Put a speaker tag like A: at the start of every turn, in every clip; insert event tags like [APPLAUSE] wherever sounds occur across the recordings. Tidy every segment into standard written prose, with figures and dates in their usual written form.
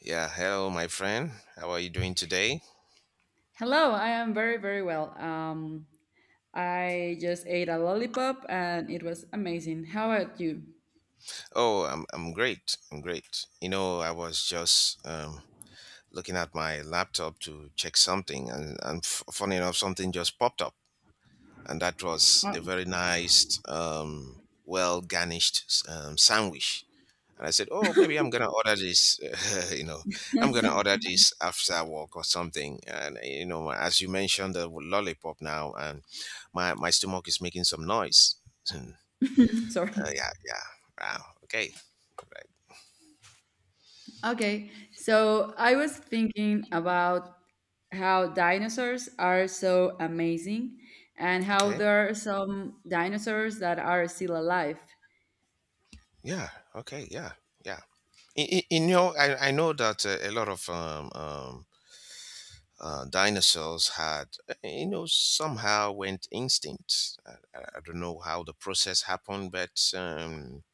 A: Yeah, hello, my friend. How are you doing today?
B: Hello, I am very, very well. I just ate a lollipop and it was amazing. How about you?
A: Oh, I'm great. I'm great. You know, I was just looking at my laptop to check something, and funny enough, something just popped up, and that was a
B: Oh,
A: very nice, well garnished sandwich. And I said, oh, maybe I'm gonna order this. [LAUGHS] you know, I'm gonna order this after work or something. And as you mentioned, the lollipop now, and my stomach is making some noise. [LAUGHS]
B: [LAUGHS] [CLEARS THROAT] sorry.
A: Yeah, yeah. Wow. Okay. Right.
B: Okay, so I was thinking about how dinosaurs are so amazing and how
A: Okay.
B: there are some dinosaurs that are still alive.
A: Yeah. Okay. Yeah. Yeah. I know that a lot of dinosaurs had, somehow went extinct. I don't know how the process happened, but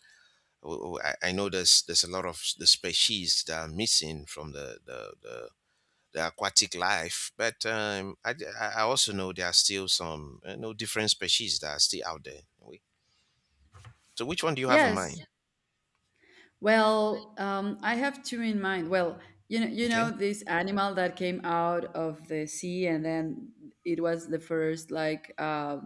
A: I know there's a lot of the species that are missing from the aquatic life, but I, d- I also know there are still some no different species that are still out there. So which one do you have in
B: Yes,
A: mind?
B: well, I have two in mind. Well, you know, you
A: Okay.
B: know this animal that came out of the sea, and then it was the first, like,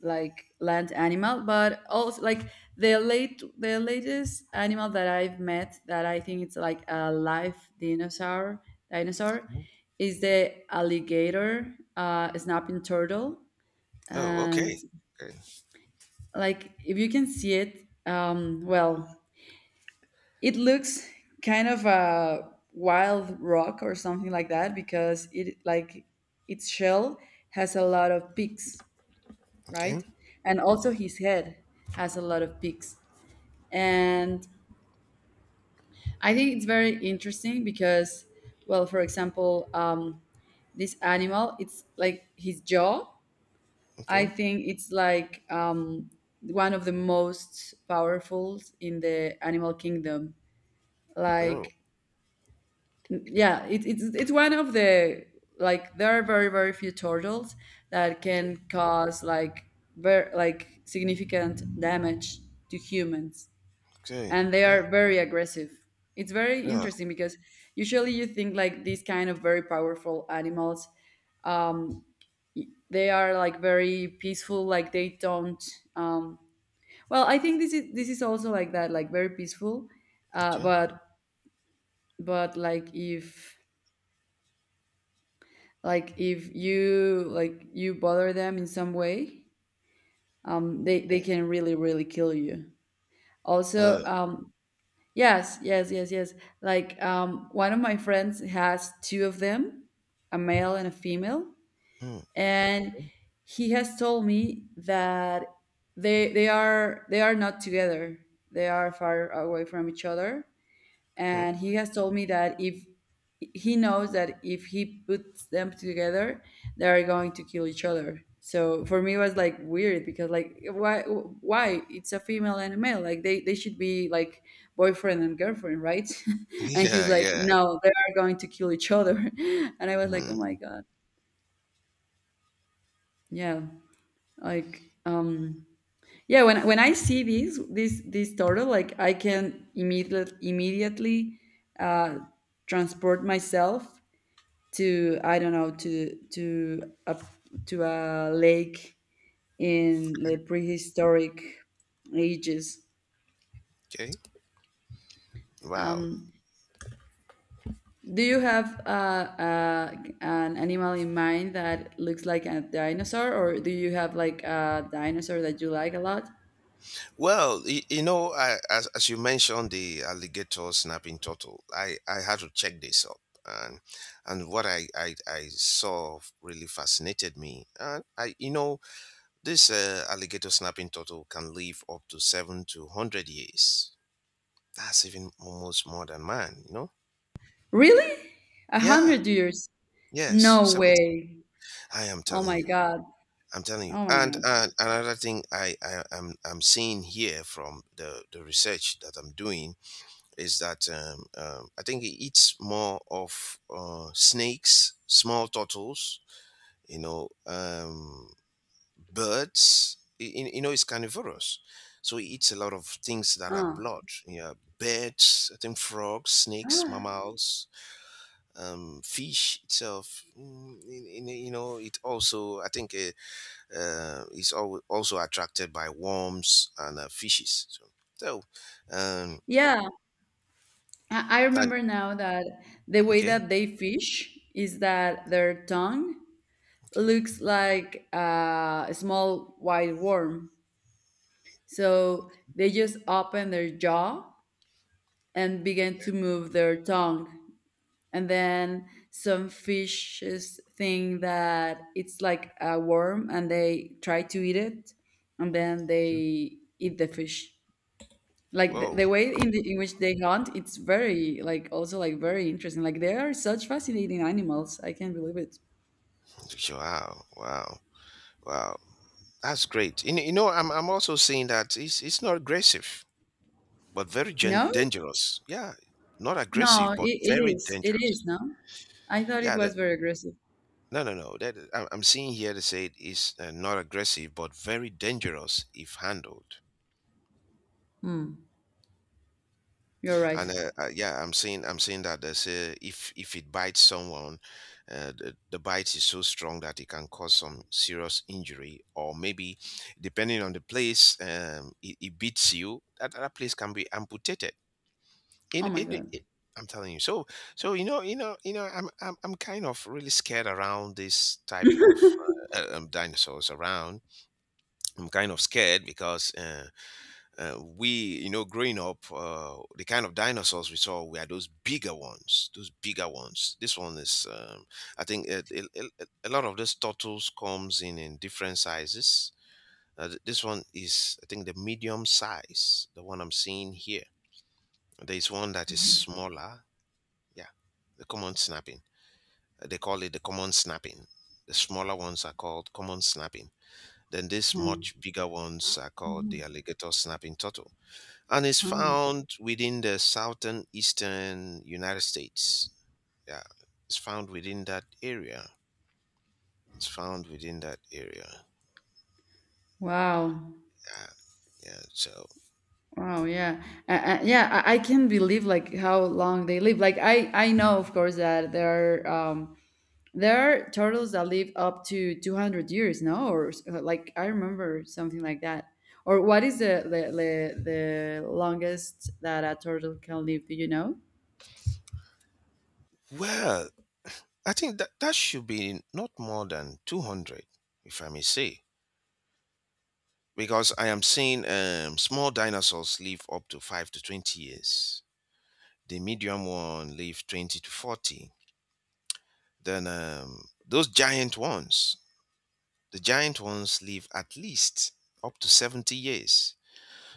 B: like, land animal, but also, like, the late the latest animal that I've met, that I think it's like a live dinosaur dinosaur is the alligator snapping turtle.
A: Oh,
B: And
A: okay. Okay.
B: like if you can see it, well, it looks kind of a wild rock or something like that, because it, like, its shell has a lot of peaks,
A: Okay.
B: right? And also his head has a lot of peaks. And I think it's very interesting because, well, for example, this animal, it's like his jaw. I
A: Okay.
B: think it's like, one of the most powerful in the animal kingdom.
A: Oh.
B: Like, yeah, it's one of the, like, there are very, very few turtles that can cause, like, very, like, significant damage to humans,
A: Okay.
B: and they
A: Yeah.
B: are very aggressive. It's very
A: Yeah.
B: interesting because usually you think, like, these kind of very powerful animals, um, they are, like, very peaceful, like they don't. Um, well, I think this is also like that, like very peaceful, uh,
A: Okay.
B: but but, like, if you, like, you bother them in some way, they
A: Yeah.
B: can really, really kill you.
A: Uh,
B: Also, yes, yes, yes, yes. Like, one of my friends has two of them, a male and a female,
A: mm,
B: and he has told me that they are not together. They are far away from each other,
A: mm.
B: and he has told me that if he knows that if he puts them together, they are going to kill each other. So for me it was, like, weird, because, like, why it's a female and a male, like, they should be like boyfriend and girlfriend, right? [LAUGHS]
A: [LAUGHS]
B: And he's
A: Yeah.
B: like,
A: Yeah.
B: no, they are going to kill each other. [LAUGHS] And I was like, oh
A: Mm,
B: my god. Yeah, like, yeah, when I see this turtle, like, I can immediately uh transport myself to, I don't know, to a lake in the prehistoric ages.
A: okay. Wow.
B: Um, do you have an animal in mind that looks like a dinosaur, or do you have, like, a dinosaur that you like a lot?
A: Well, I, as you mentioned the alligator snapping turtle, I had to check this up, and what I saw really fascinated me, and I this alligator snapping turtle can live up to 7 to 100 years. That's even almost more than mine, you know?
B: Really, a
A: Yeah,
B: hundred years?
A: yes,
B: No
A: 70.
B: way!
A: I am
B: Oh
A: telling
B: my
A: you.
B: god!
A: I'm telling you.
B: Oh my
A: And
B: god!
A: another thing I'm seeing here from the research that I'm doing is that I think it eats more of snakes, small turtles, you know, um, birds. It's carnivorous, so it eats a lot of things that are
B: Oh.
A: blood. Yeah, birds. I think frogs, snakes,
B: [GASPS]
A: mammals, fish itself, it also I think is also attracted by worms and fishes. So, um,
B: Yeah. I
A: and
B: remember now that the way
A: okay,
B: that they fish is that their tongue
A: okay.
B: looks like a small white worm. So they just open their jaw and begin to move their tongue. And then some fishes think that it's like a worm and they try to eat it. And then they eat the fish. Like, the,
A: Whoa!
B: the way in which they hunt, it's very, like, also, like, very interesting. Like, they are such fascinating animals, I can't believe it.
A: Wow! Wow! Wow! That's great. You, kn- you know, I'm also saying that it's not aggressive, but very
B: No,
A: dangerous. Yeah, not
B: no,
A: aggressive, but
B: it, it
A: very
B: is it is
A: dangerous.
B: No, I thought it
A: Yeah,
B: was very aggressive.
A: no, no, no. I'm seeing here they say it's not aggressive, but very dangerous if handled.
B: You're right.
A: And yeah, I'm saying that they say if it bites someone, the bite is so strong that it can cause some serious injury, or maybe depending on the place it beats you, that place can be amputated. In
B: Oh my
A: in. i-
B: god.
A: i- I'm telling you. So, I'm kind of really scared around this type of dinosaurs around. I'm kind of scared because we, growing up, the kind of dinosaurs we saw were those bigger ones, those bigger ones. This one is, I think, a lot of these turtles comes in different sizes. This one is, I think, the medium size, the one I'm seeing here. There is one that is smaller. Yeah, the common snapping. They call it the common snapping. The smaller ones are called common snapping. Then these
B: Mm-hmm.
A: much bigger ones are called the alligator snapping turtle and is
B: Huh. Huh.
A: found within the southern eastern United States. Yeah, it's found within that area. It's found within that area.
B: Wow.
A: Yeah, yeah. So,
B: Wow. Yeah. Yeah. I can't believe, like, how long they live. Like, I know, of course, that there are, there are turtles that live up to 200 years, no? Or like, I remember something like that. Or what is the the, longest that a turtle can live? Do you know?
A: well, I think that that should be not more than 200, if I may say, because I am seeing small dinosaurs live up to 5 to 20 years. The medium one live 20 to 40. Then those giant ones, the giant ones live at least up to 70 years.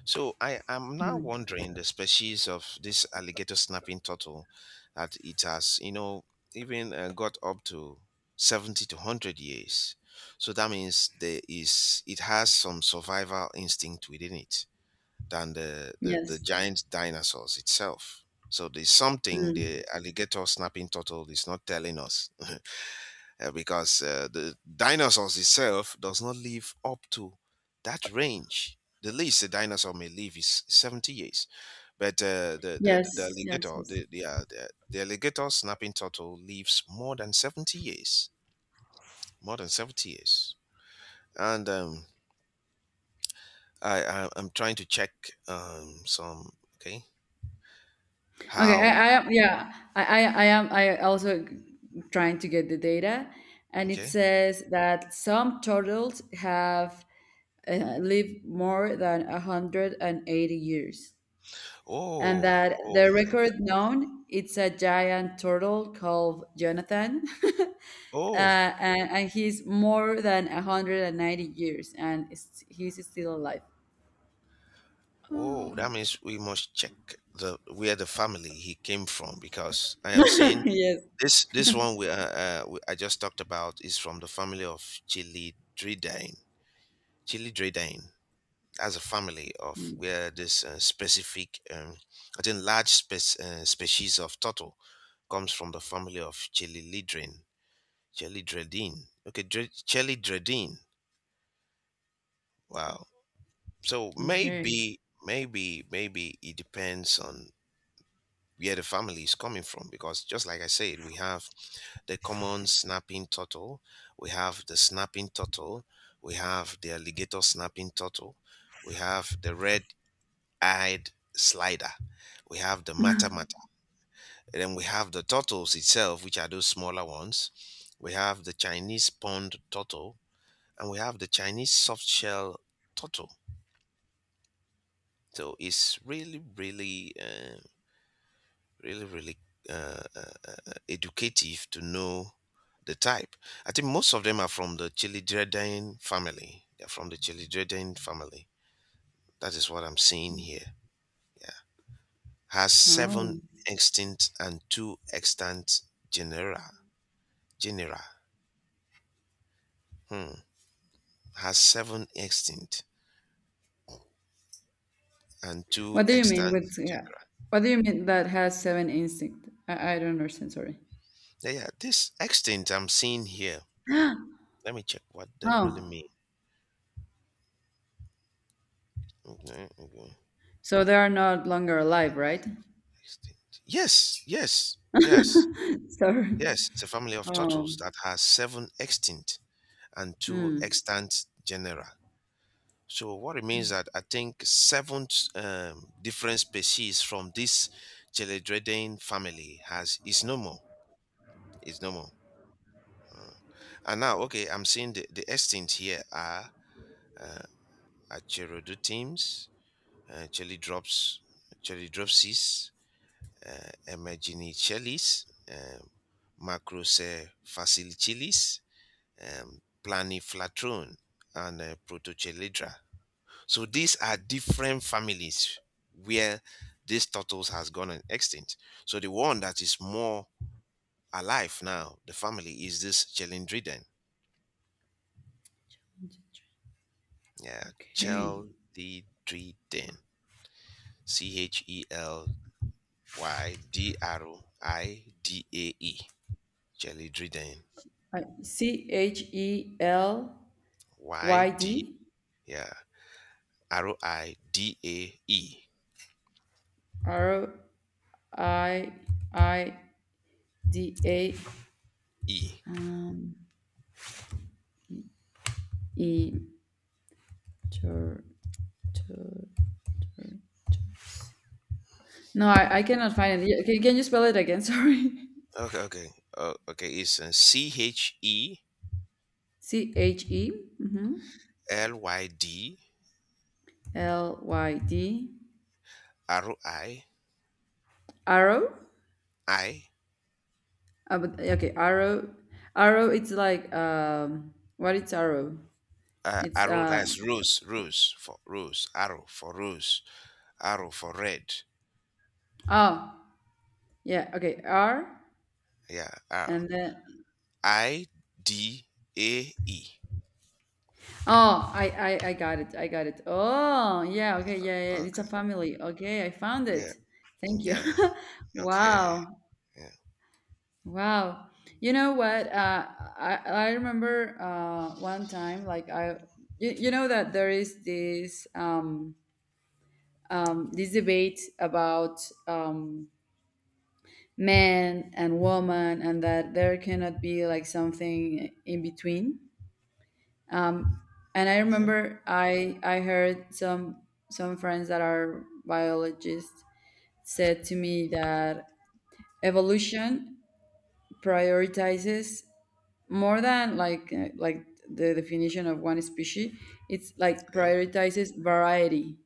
A: So I am now
B: Mm.
A: wondering the species of this alligator snapping turtle that it has, even got up to 70 to 100 years. So that means there is it has some survival instinct within it than the
B: Yes.
A: giant dinosaurs itself. So there's something
B: Mm.
A: the alligator snapping turtle is not telling us because the dinosaurs itself does not live up to that range. The least a dinosaur may live is 70 years, but the
B: Yes, yes,
A: alligator,
B: yes.
A: the alligator snapping turtle lives more than 70 years, more than 70 years. And I'm trying to check some. Okay.
B: Okay,
A: How?
B: I am. Yeah, I am I also trying to get the data, and it
A: Okay.
B: says that some turtles have lived more than 180 years. And
A: Oh,
B: that
A: oh
B: the
A: my god,
B: record known, it's a giant turtle called Jonathan. [LAUGHS] uh,
A: oh.
B: and he's more than 190 years, and he's still alive.
A: Whoa, that
B: Oh,
A: means we must check the where the family he came from, because I am seeing
B: [LAUGHS] yes.
A: this one we I just talked about is from the family of Chilidridae. Chilidridae. That's a family of where this specific, I think, large species of turtle comes from the family of Chelylidrine. Chelydredine. Okay, Chelydredine. Wow. So
B: Okay.
A: maybe, it depends on where the family is coming from, because just like I said, we have the common snapping turtle, we have the snapping turtle, we have the alligator snapping turtle, we have the red-eyed slider, we have the matamata, and then we have the turtles itself, which are those smaller ones. We have the Chinese pond turtle and we have the Chinese soft shell turtle. So it's really really really really uh, educative to know the type. I think most of them are from the Chilidreden family. They're from the Chilidreden family. That is what I'm seeing here. Yeah. Has seven
B: Oh.
A: extinct and two extant genera. Genera. Hmm. Has seven extinct and two
B: What do you mean
A: extant
B: with, yeah,
A: genera.
B: what do you mean that has seven instinct? I don't understand, sorry.
A: Yeah, yeah. This extinct I'm seeing here.
B: [GASPS]
A: Let me check what they really
B: Oh,
A: mean. Okay, okay.
B: so they are not longer alive, right?
A: Extinct. Yes, yes, yes.
B: [LAUGHS] Sorry.
A: Yes, it's a family of turtles
B: Um.
A: that has seven extinct and two
B: Hmm.
A: extant genera. So what it means that I think seven different species from this Geledridian family has is no more. Is no more. Uh, and now, okay, I'm seeing the extinct here are uh, Acherodutimes, Chelidrops, Chelidropsis, Emerginichelis, um, Macrocephalicchilis, um, Planiflatrone, and Protocheledra. So these are different families where this turtles has gone extinct. So the one that is more alive now, the family is this Chelindriden. Yeah,
B: Okay.
A: Chelidriden. Chelydridae. Chelidriden.
B: C H E L
A: Y
B: Y
A: D,
B: D
A: yeah, R O I D A E
B: R I I D A,
A: E.
B: um, E. No, I cannot find it. Yeah, can you spell it again? [LAUGHS] Sorry.
A: Okay, okay, okay. It's C H E
B: C H E, mhm,
A: L Y D
B: L Y D
A: R I
B: arrow.
A: I
B: But, okay, arrow. Arrow. It's like, what? It's arrow. It's
A: arrow. That's rose for rose, arrow for rose, arrow for red.
B: oh yeah. Okay, R
A: Yeah, arrow.
B: and then
A: I D A E.
B: oh, I got it. I got it. Oh, yeah. Okay. Yeah. Yeah. It's a
A: Okay.
B: family. Okay. I found
A: Yeah.
B: it. Thank you.
A: Yeah.
B: [LAUGHS]
A: Okay.
B: Wow.
A: Yeah.
B: Wow. You know what? I remember one time, like, you know that there is this, this debate about, man and woman and that there cannot be like something in between. Um, and I
A: Okay.
B: remember I heard some friends that are biologists said to me that evolution prioritizes more than, like, like, the definition of one species. It's like
A: Okay.
B: prioritizes variety,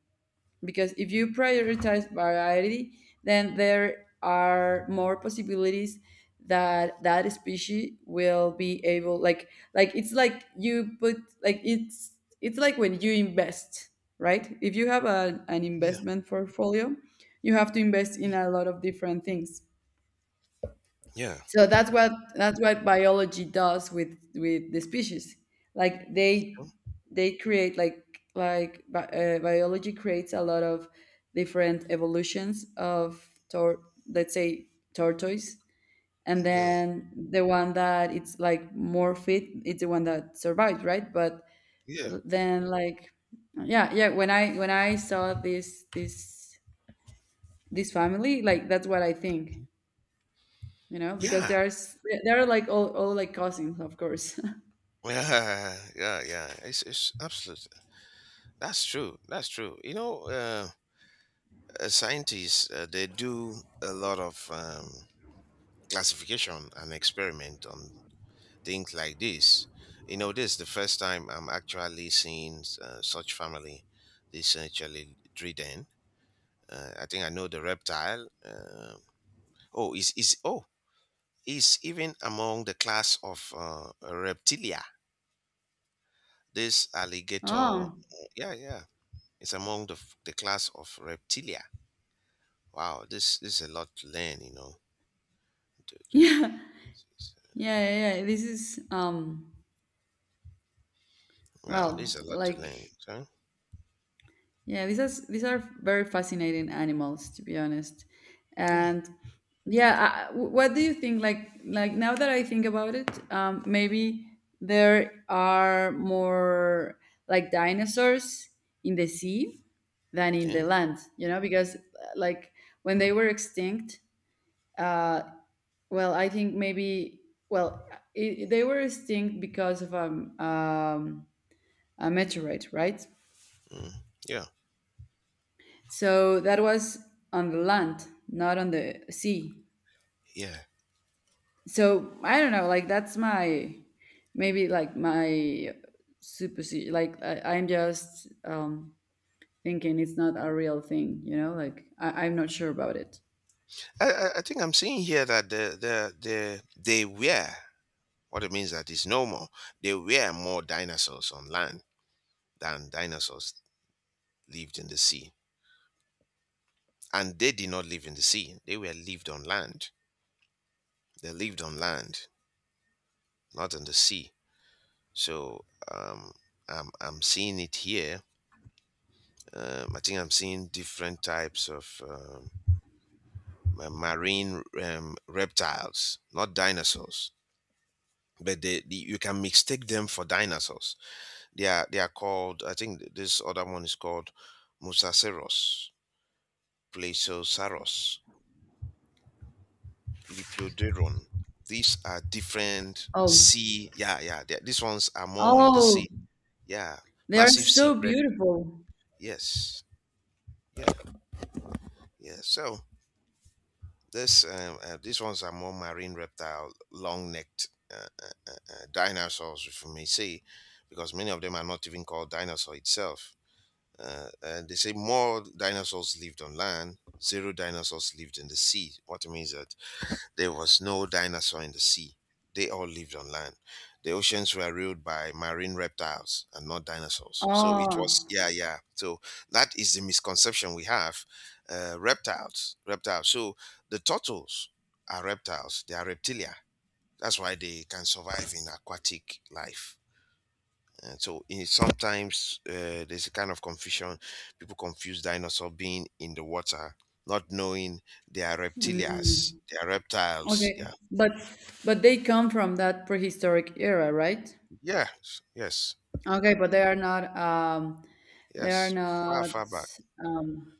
B: because if you prioritize variety then there are more possibilities that that species will be able, like, it's like you put, like, it's like when you invest, right? If you have an
A: Yeah.
B: investment portfolio, you have to invest in
A: Yeah.
B: a lot of different things.
A: Yeah. Yeah.
B: So that's what biology does with the species. Like, they create, like, biology creates a lot of different evolutions of let's say, tortoise. And
A: Yeah.
B: then the one that it's like more fit, it's the one that survived, right? But
A: Yeah.
B: then, like, yeah, yeah, when I saw this family, like, that's what I think, because
A: Yeah.
B: there's they're like all, like cousins, of course.
A: Yeah. Yeah, yeah. It's absolutely. That's true. That's true. You know. Scientists they do a lot of classification and experiment on things like this. You know, this is the first time I'm actually seeing such family. This actually trident, I think I know the reptile, oh, is oh, is even among the class of reptilia, this
B: [LAUGHS]
A: alligator.
B: Oh,
A: Yeah, yeah, it's among the class of reptilia. Wow, this is a lot to learn, you know. to- to-
B: yeah, yeah, yeah. Yeah. This is,
A: Wow, there's
B: well,
A: a lot to
B: like,
A: learn. So,
B: yeah, these are very fascinating animals, to be honest.
A: yeah,
B: And yeah. What do you think? Like, now that I think about it, maybe there are more, like, dinosaurs in the sea than in the
A: yeah,
B: land, you know, because, like, when they were extinct, uh, well, I think maybe, well, they were extinct because of, a meteorite, right?
A: mm, yeah,
B: So that was on the land, not on the sea.
A: yeah.
B: So I don't know, like, that's my, maybe, like, my supposition. Like, I'm just thinking it's not a real thing. Like, I'm not sure about it.
A: I think I'm seeing here that they were what it means that is no more. There were more dinosaurs on land than dinosaurs lived in the sea, and they did not live in the sea. They were lived on land. They lived on land, not in the sea. So, um, I'm seeing it here. I think I'm seeing different types of. Marine reptiles, not dinosaurs. But they, the you can mistake them for dinosaurs. They are called. I think this other one is called Mosasaurus, Plesiosaurus, Lepidodon. These are different
B: Oh,
A: sea. Yeah, yeah. These ones are more in the
B: oh,
A: sea. Yeah,
B: they are
A: massive sea
B: so
A: predator.
B: beautiful.
A: Yes, yeah, yeah. So this, these ones are more marine reptile, long-necked dinosaurs, if you may say, because many of them are not even called dinosaur itself. And they say more dinosaurs lived on land, zero dinosaurs lived in the sea. What it means that there was no dinosaur in the sea. They all lived on land. The oceans were ruled by marine reptiles and not dinosaurs. So it was,
B: Oh.
A: yeah, yeah. So that is the misconception we have. Reptiles, reptiles. So the turtles are reptiles. They are reptilia. That's why they can survive in aquatic life. And so in, sometimes there's a kind of confusion. People confuse dinosaur being in the water, not knowing they are reptilias, they are reptiles.
B: Okay,
A: Yeah,
B: but they come from that prehistoric era, right?
A: yes, yes,
B: Okay, but they are not, they are
A: yes. Far,
B: not
A: far back.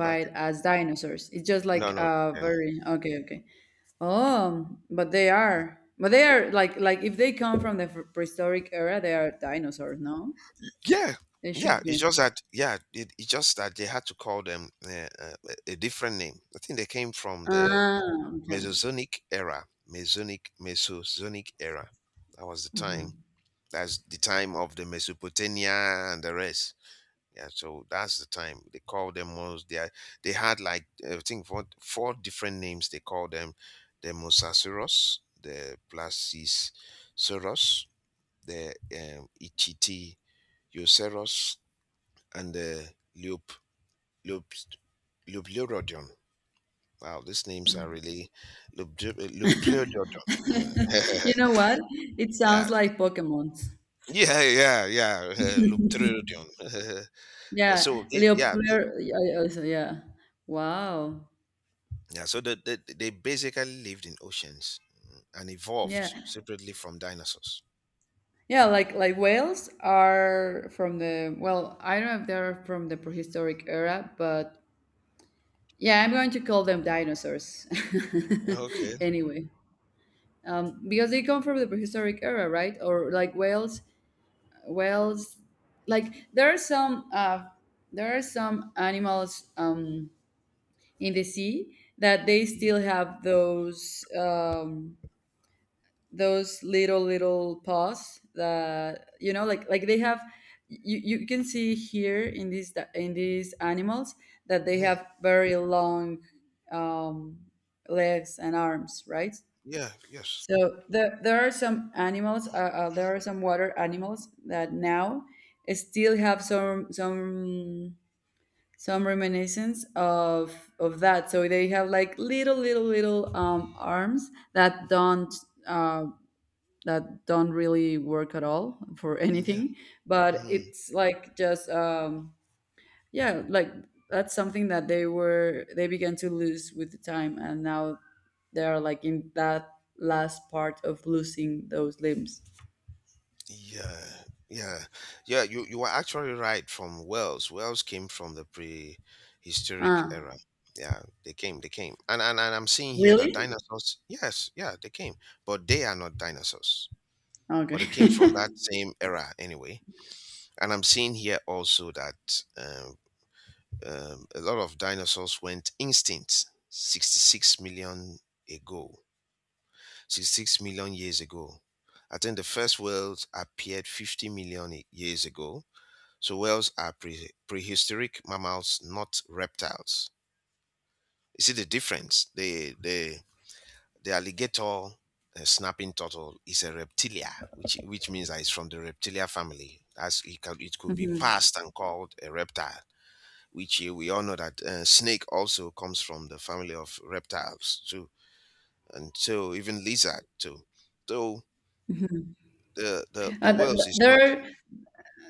A: Back.
B: as dinosaurs. It's just like,
A: No, no, no. No.
B: very, okay, okay. Oh, but they are, like, if they come from the prehistoric era, they are dinosaurs, no?
A: Yeah,
B: They
A: yeah.
B: should
A: It's
B: be.
A: just that. Yeah, it's just that they had to call them a different name. I think they came from the
B: Ah, okay.
A: Mesozoic era. Mesozoic era. That was the time. That's the time of the Mesopotamia and the rest. Yeah, so that's the time they call them Mos. They had like I think four different names. They call them the Mosasaurus, the Placisaurus, the Ichthyosaurus, and the Leop Leop Leopleurodon. Wow, these names are really Leopleurodon.
B: [LAUGHS] You know what? It
A: [LAUGHS] yeah,
B: sounds like Pokemons.
A: yeah, yeah, yeah. [LAUGHS] Leopleurodon. [LAUGHS]
B: Yeah,
A: Yeah.
B: Leopard. Yeah, also, yeah. So, yeah. Wow.
A: Yeah, so they basically lived in oceans and
B: Yeah.
A: evolved separately from dinosaurs.
B: Yeah, like, whales are from the, I don't know if they're from the prehistoric era, but yeah, I'm going to call them dinosaurs.
A: Okay.
B: [LAUGHS] Anyway, because they come from the prehistoric era, right? Or like whales, whales. Like, there are some, animals, in the sea that they
A: Mm,
B: still have those, those little, little paws that, you know, like they have, you can see here in these animals that they
A: yeah.
B: have very long, um, legs and arms, right?
A: Yeah. Yes.
B: So there are some animals, there are some water animals that now still have some reminiscence of that, so they have, like, little, little, little, arms that don't, uh, that don't really work at all for, [LAUGHS]
A: Yeah.
B: anything, but
A: Mm,
B: it's like just, yeah, like, that's something that they began to lose with the time, and now they are, like, in that last part of losing those limbs.
A: yeah. Yeah. Yeah. You were actually right. Wales came from the prehistoric
B: Ah,
A: era. Yeah, they came. They came. And I'm seeing here that
B: really?
A: dinosaurs. Yes. Yeah, they came, but they are not dinosaurs.
B: Okay.
A: But they came from that
B: [LAUGHS]
A: same era anyway. And I'm seeing here also that a lot of dinosaurs went extinct 66 million ago, 66 million years ago. I think the first whales appeared 50 million years ago, so whales are prehistoric mammals, not reptiles. You see the difference, the alligator snapping turtle is a reptilia, which means that it's from the reptilia family, as it could be
B: Mhm.
A: passed and called a reptile, which we all know that snake also comes from the family of reptiles too, and so even lizard too. So the the
B: Uh,
A: the
B: th-
A: whales
B: th-
A: is
B: there
A: not.
B: are,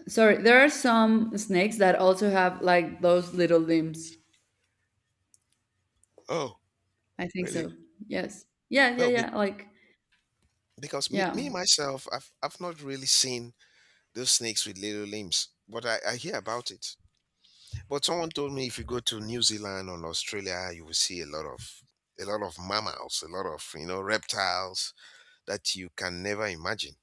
B: sorry, there are some snakes that also have like those little limbs,
A: Oh,
B: I think
A: really?
B: so. Yes, yeah, yeah,
A: Well,
B: yeah, like,
A: because me,
B: yeah.
A: me myself, I've not really seen those snakes with little limbs, but I hear about it. But someone told me if you go to New Zealand or Australia, you will see a lot of mammals, a lot of reptiles that you can never imagine.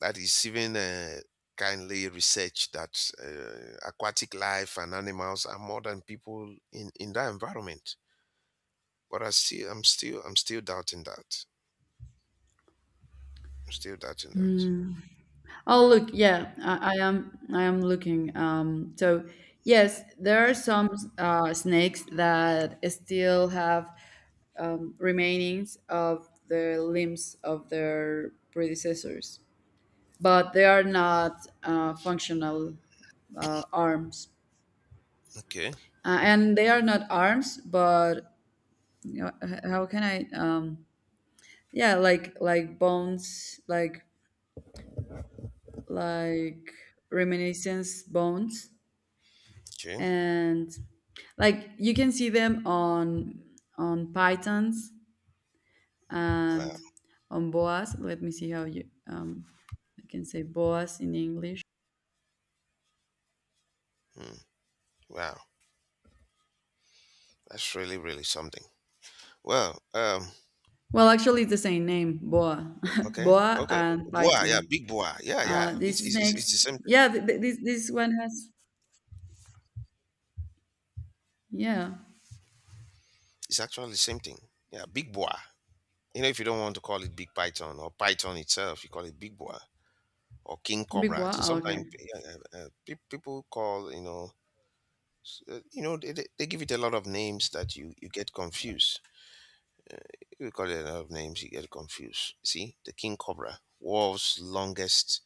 A: That is even kindly research that aquatic life and animals are more than people in that environment. But I'm still doubting that. I'm still doubting that.
B: Hmm. Oh,
A: Yeah.
B: look, yeah, I am looking. So yes, there are some snakes that still have, remainings of the limbs of their predecessors, but they are not functional, arms,
A: Okay.
B: and they are not arms. But you know, how can I? Yeah, like, bones, like, like reminiscence bones.
A: Okay.
B: And like you can see them on pythons
A: Wow.
B: and on boas. Let me see how you, I can say boas in English.
A: Hmm. Wow. That's really, really something. Well.
B: Well, actually, it's the same name, boa. [LAUGHS]
A: Okay.
B: Boa
A: Okay.
B: and
A: Boa. Yeah.
B: python.
A: Big boa. Yeah. Yeah. It's
B: These
A: it's it's it's the
B: snakes,
A: same thing.
B: yeah, this one has, yeah,
A: It's actually the same thing. Yeah. Big boa. You know, if you don't want to call it big python or python itself, you call it big boa, or king
B: big
A: cobra. I
B: boa.
A: think
B: Oh, okay.
A: sometimes people call, they give it a lot of names that you get confused. If you call it a lot of names, you get confused. See the king cobra, world's longest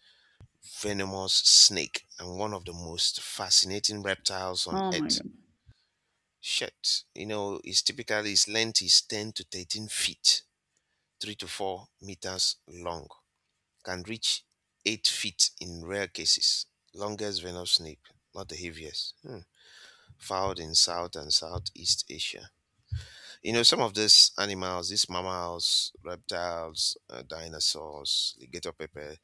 A: venomous snake and one of the most fascinating reptiles on
B: Oh my
A: earth.
B: god.
A: Shit, you know, it's typically its length is 10 to 13 feet, 3 to 4 meters long. Can reach 8 feet in rare cases. Longest venomous snake, not the heaviest. Hmm. Found in South and Southeast Asia. You know, some of these animals, these mammals, reptiles, dinosaurs, alligator pepper,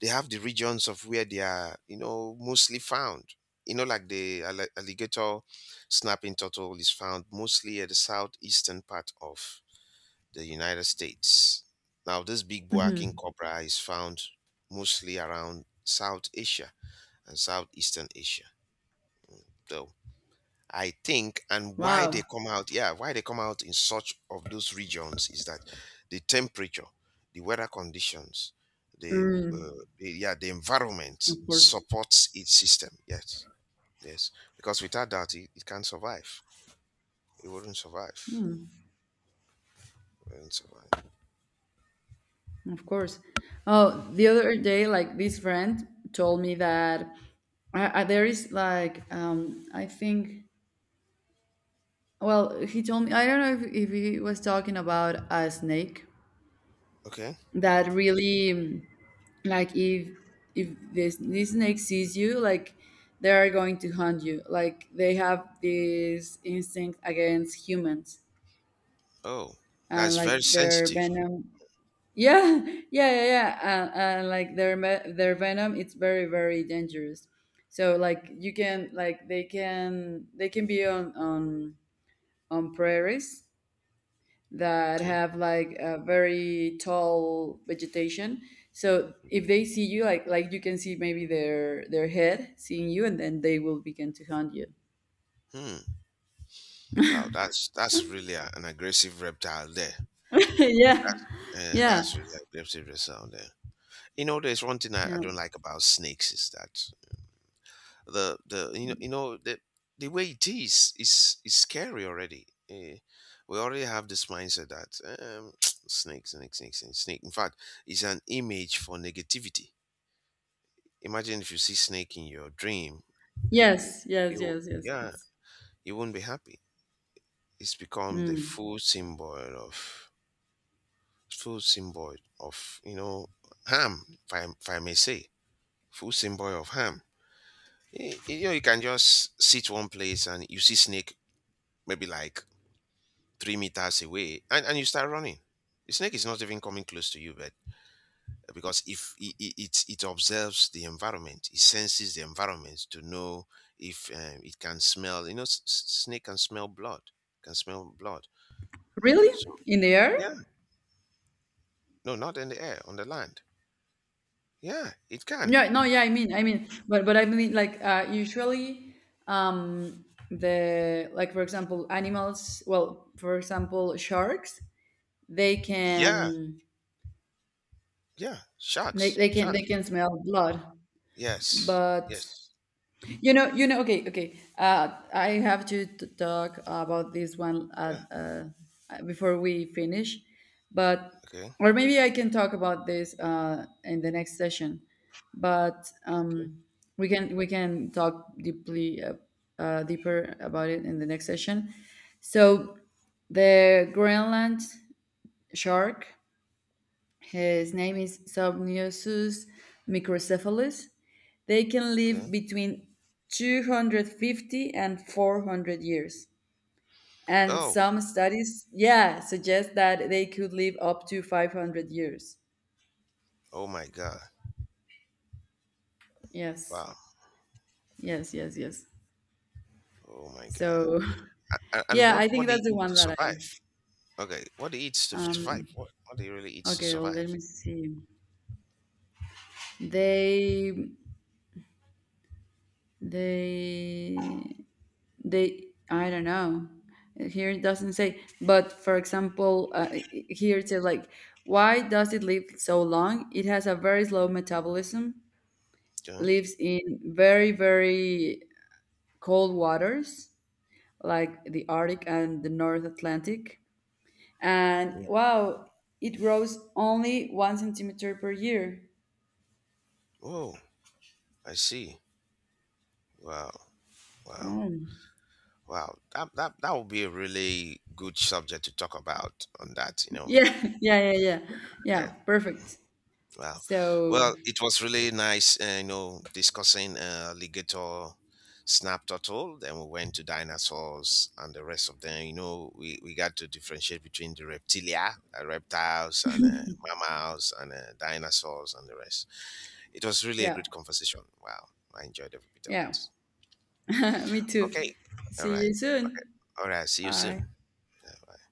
A: they have the regions of where they are, you know, mostly found. You know, like the alligator snapping turtle is found mostly at the southeastern part of the United States. Now, this big buaking
B: Hmm.
A: cobra is found mostly around South Asia and Southeastern Asia. So, I think, and why they
B: Wow.
A: come out, yeah, why they come out in such of those regions is that the temperature, the weather conditions, the, uh, the yeah, the
B: Of
A: environment
B: course.
A: supports its system. Yes, yes, because without that, it can't survive. It wouldn't survive. It wouldn't survive.
B: Of course. Oh, the other day, like, this friend told me that, there is like, I think. Well, he told me, I don't know if he was talking about a snake
A: Okay.
B: that really, like, if this snake sees you, like, they are going to hunt you. Like, they have this instinct against humans,
A: Oh,
B: and
A: that's
B: like
A: very
B: their
A: sensitive.
B: venom. Yeah. [LAUGHS] Yeah, yeah, yeah. And, like, their, their venom, it's very, very dangerous. So, like, you can, like, they can be on prairies that
A: Okay.
B: have, like, a very tall vegetation. So if they see you, like, you can see, maybe, their head seeing you, and then they will begin to hunt you.
A: Hmm. Wow, that's really an aggressive reptile there.
B: [LAUGHS] Yeah, yeah,
A: That's really an aggressive reptile there. You know, there's one thing I
B: yeah.
A: don't like about snakes is that the you know the way it is scary already. We already have this mindset that [TSK] snakes, snakes, snakes, snakes, snake. In fact, it's an image for negativity. Imagine if you see snake in your dream, you,
B: Yes, yes,
A: you
B: yes, yes.
A: yeah,
B: It's,
A: you won't be happy. It's become the
B: mm.
A: full symbol of ham. If I may say, full symbol of ham. You know you can just sit one place and you see snake maybe like 3 meters away, and you start running. The snake is not even coming close to you, but because if it observes the environment, it senses the environment to know if it can smell, snake can smell blood, can smell blood.
B: Really.
A: So
B: In the air.
A: yeah, no, not in the air, on the land. Yeah, it can.
B: Yeah, no, yeah, I mean, but I mean, like, usually, the like, for example, animals. Well, for example, sharks. They
A: Yeah.
B: can,
A: Yeah, sharks,
B: they
A: sharks.
B: can smell blood,
A: Yes,
B: but.
A: yes.
B: You know, you know. Okay, okay. I have to talk about this one,
A: Yeah.
B: before we finish, but
A: Okay.
B: or maybe I can talk about this in the next session. But,
A: Okay.
B: we can talk deeply, deeper about it in the next session. So the Greenland shark, his name is Somniosus microcephalus. They can live
A: Okay.
B: between 250 and 400 years. And
A: Oh.
B: some studies, yeah, suggest that they could live up to 500 years.
A: Oh my God.
B: Yes,
A: Wow.
B: yes, yes, yes.
A: Oh my God.
B: So, [LAUGHS]
A: And
B: yeah, I
A: what
B: think
A: what they
B: that's the
A: eat
B: one
A: to
B: that I.
A: survive? Okay. What they eat to survive?
B: Um,
A: What they really eat to
B: okay, let
A: survive?
B: me see. They, they they I don't know, here it doesn't say, but for example, here it says, like, why does it live so long? It has a very slow metabolism,
A: Okay.
B: lives in very, very cold waters, like the Arctic and the North Atlantic. And
A: Mm.
B: wow, it grows only 1 centimeter per year.
A: Oh, I see. Wow. Wow.
B: Oh.
A: Wow. That would be a really good subject to talk about on that. You know,
B: Yeah. [LAUGHS] Yeah, yeah, yeah. Yeah, perfect.
A: wow.
B: So,
A: Well, it was really nice, discussing alligator, snap turtle. Then we went to dinosaurs and the rest of them. You know, we got to differentiate between the reptilia, reptiles, and mammals, and dinosaurs, and the rest. It was really a
B: yeah.
A: great conversation. Wow. I enjoyed every bit of
B: Yeah.
A: it.
B: [LAUGHS] Me too.
A: Okay. All
B: See
A: right.
B: you soon.
A: Okay. All right. See you soon.
B: Bye.
A: Yeah,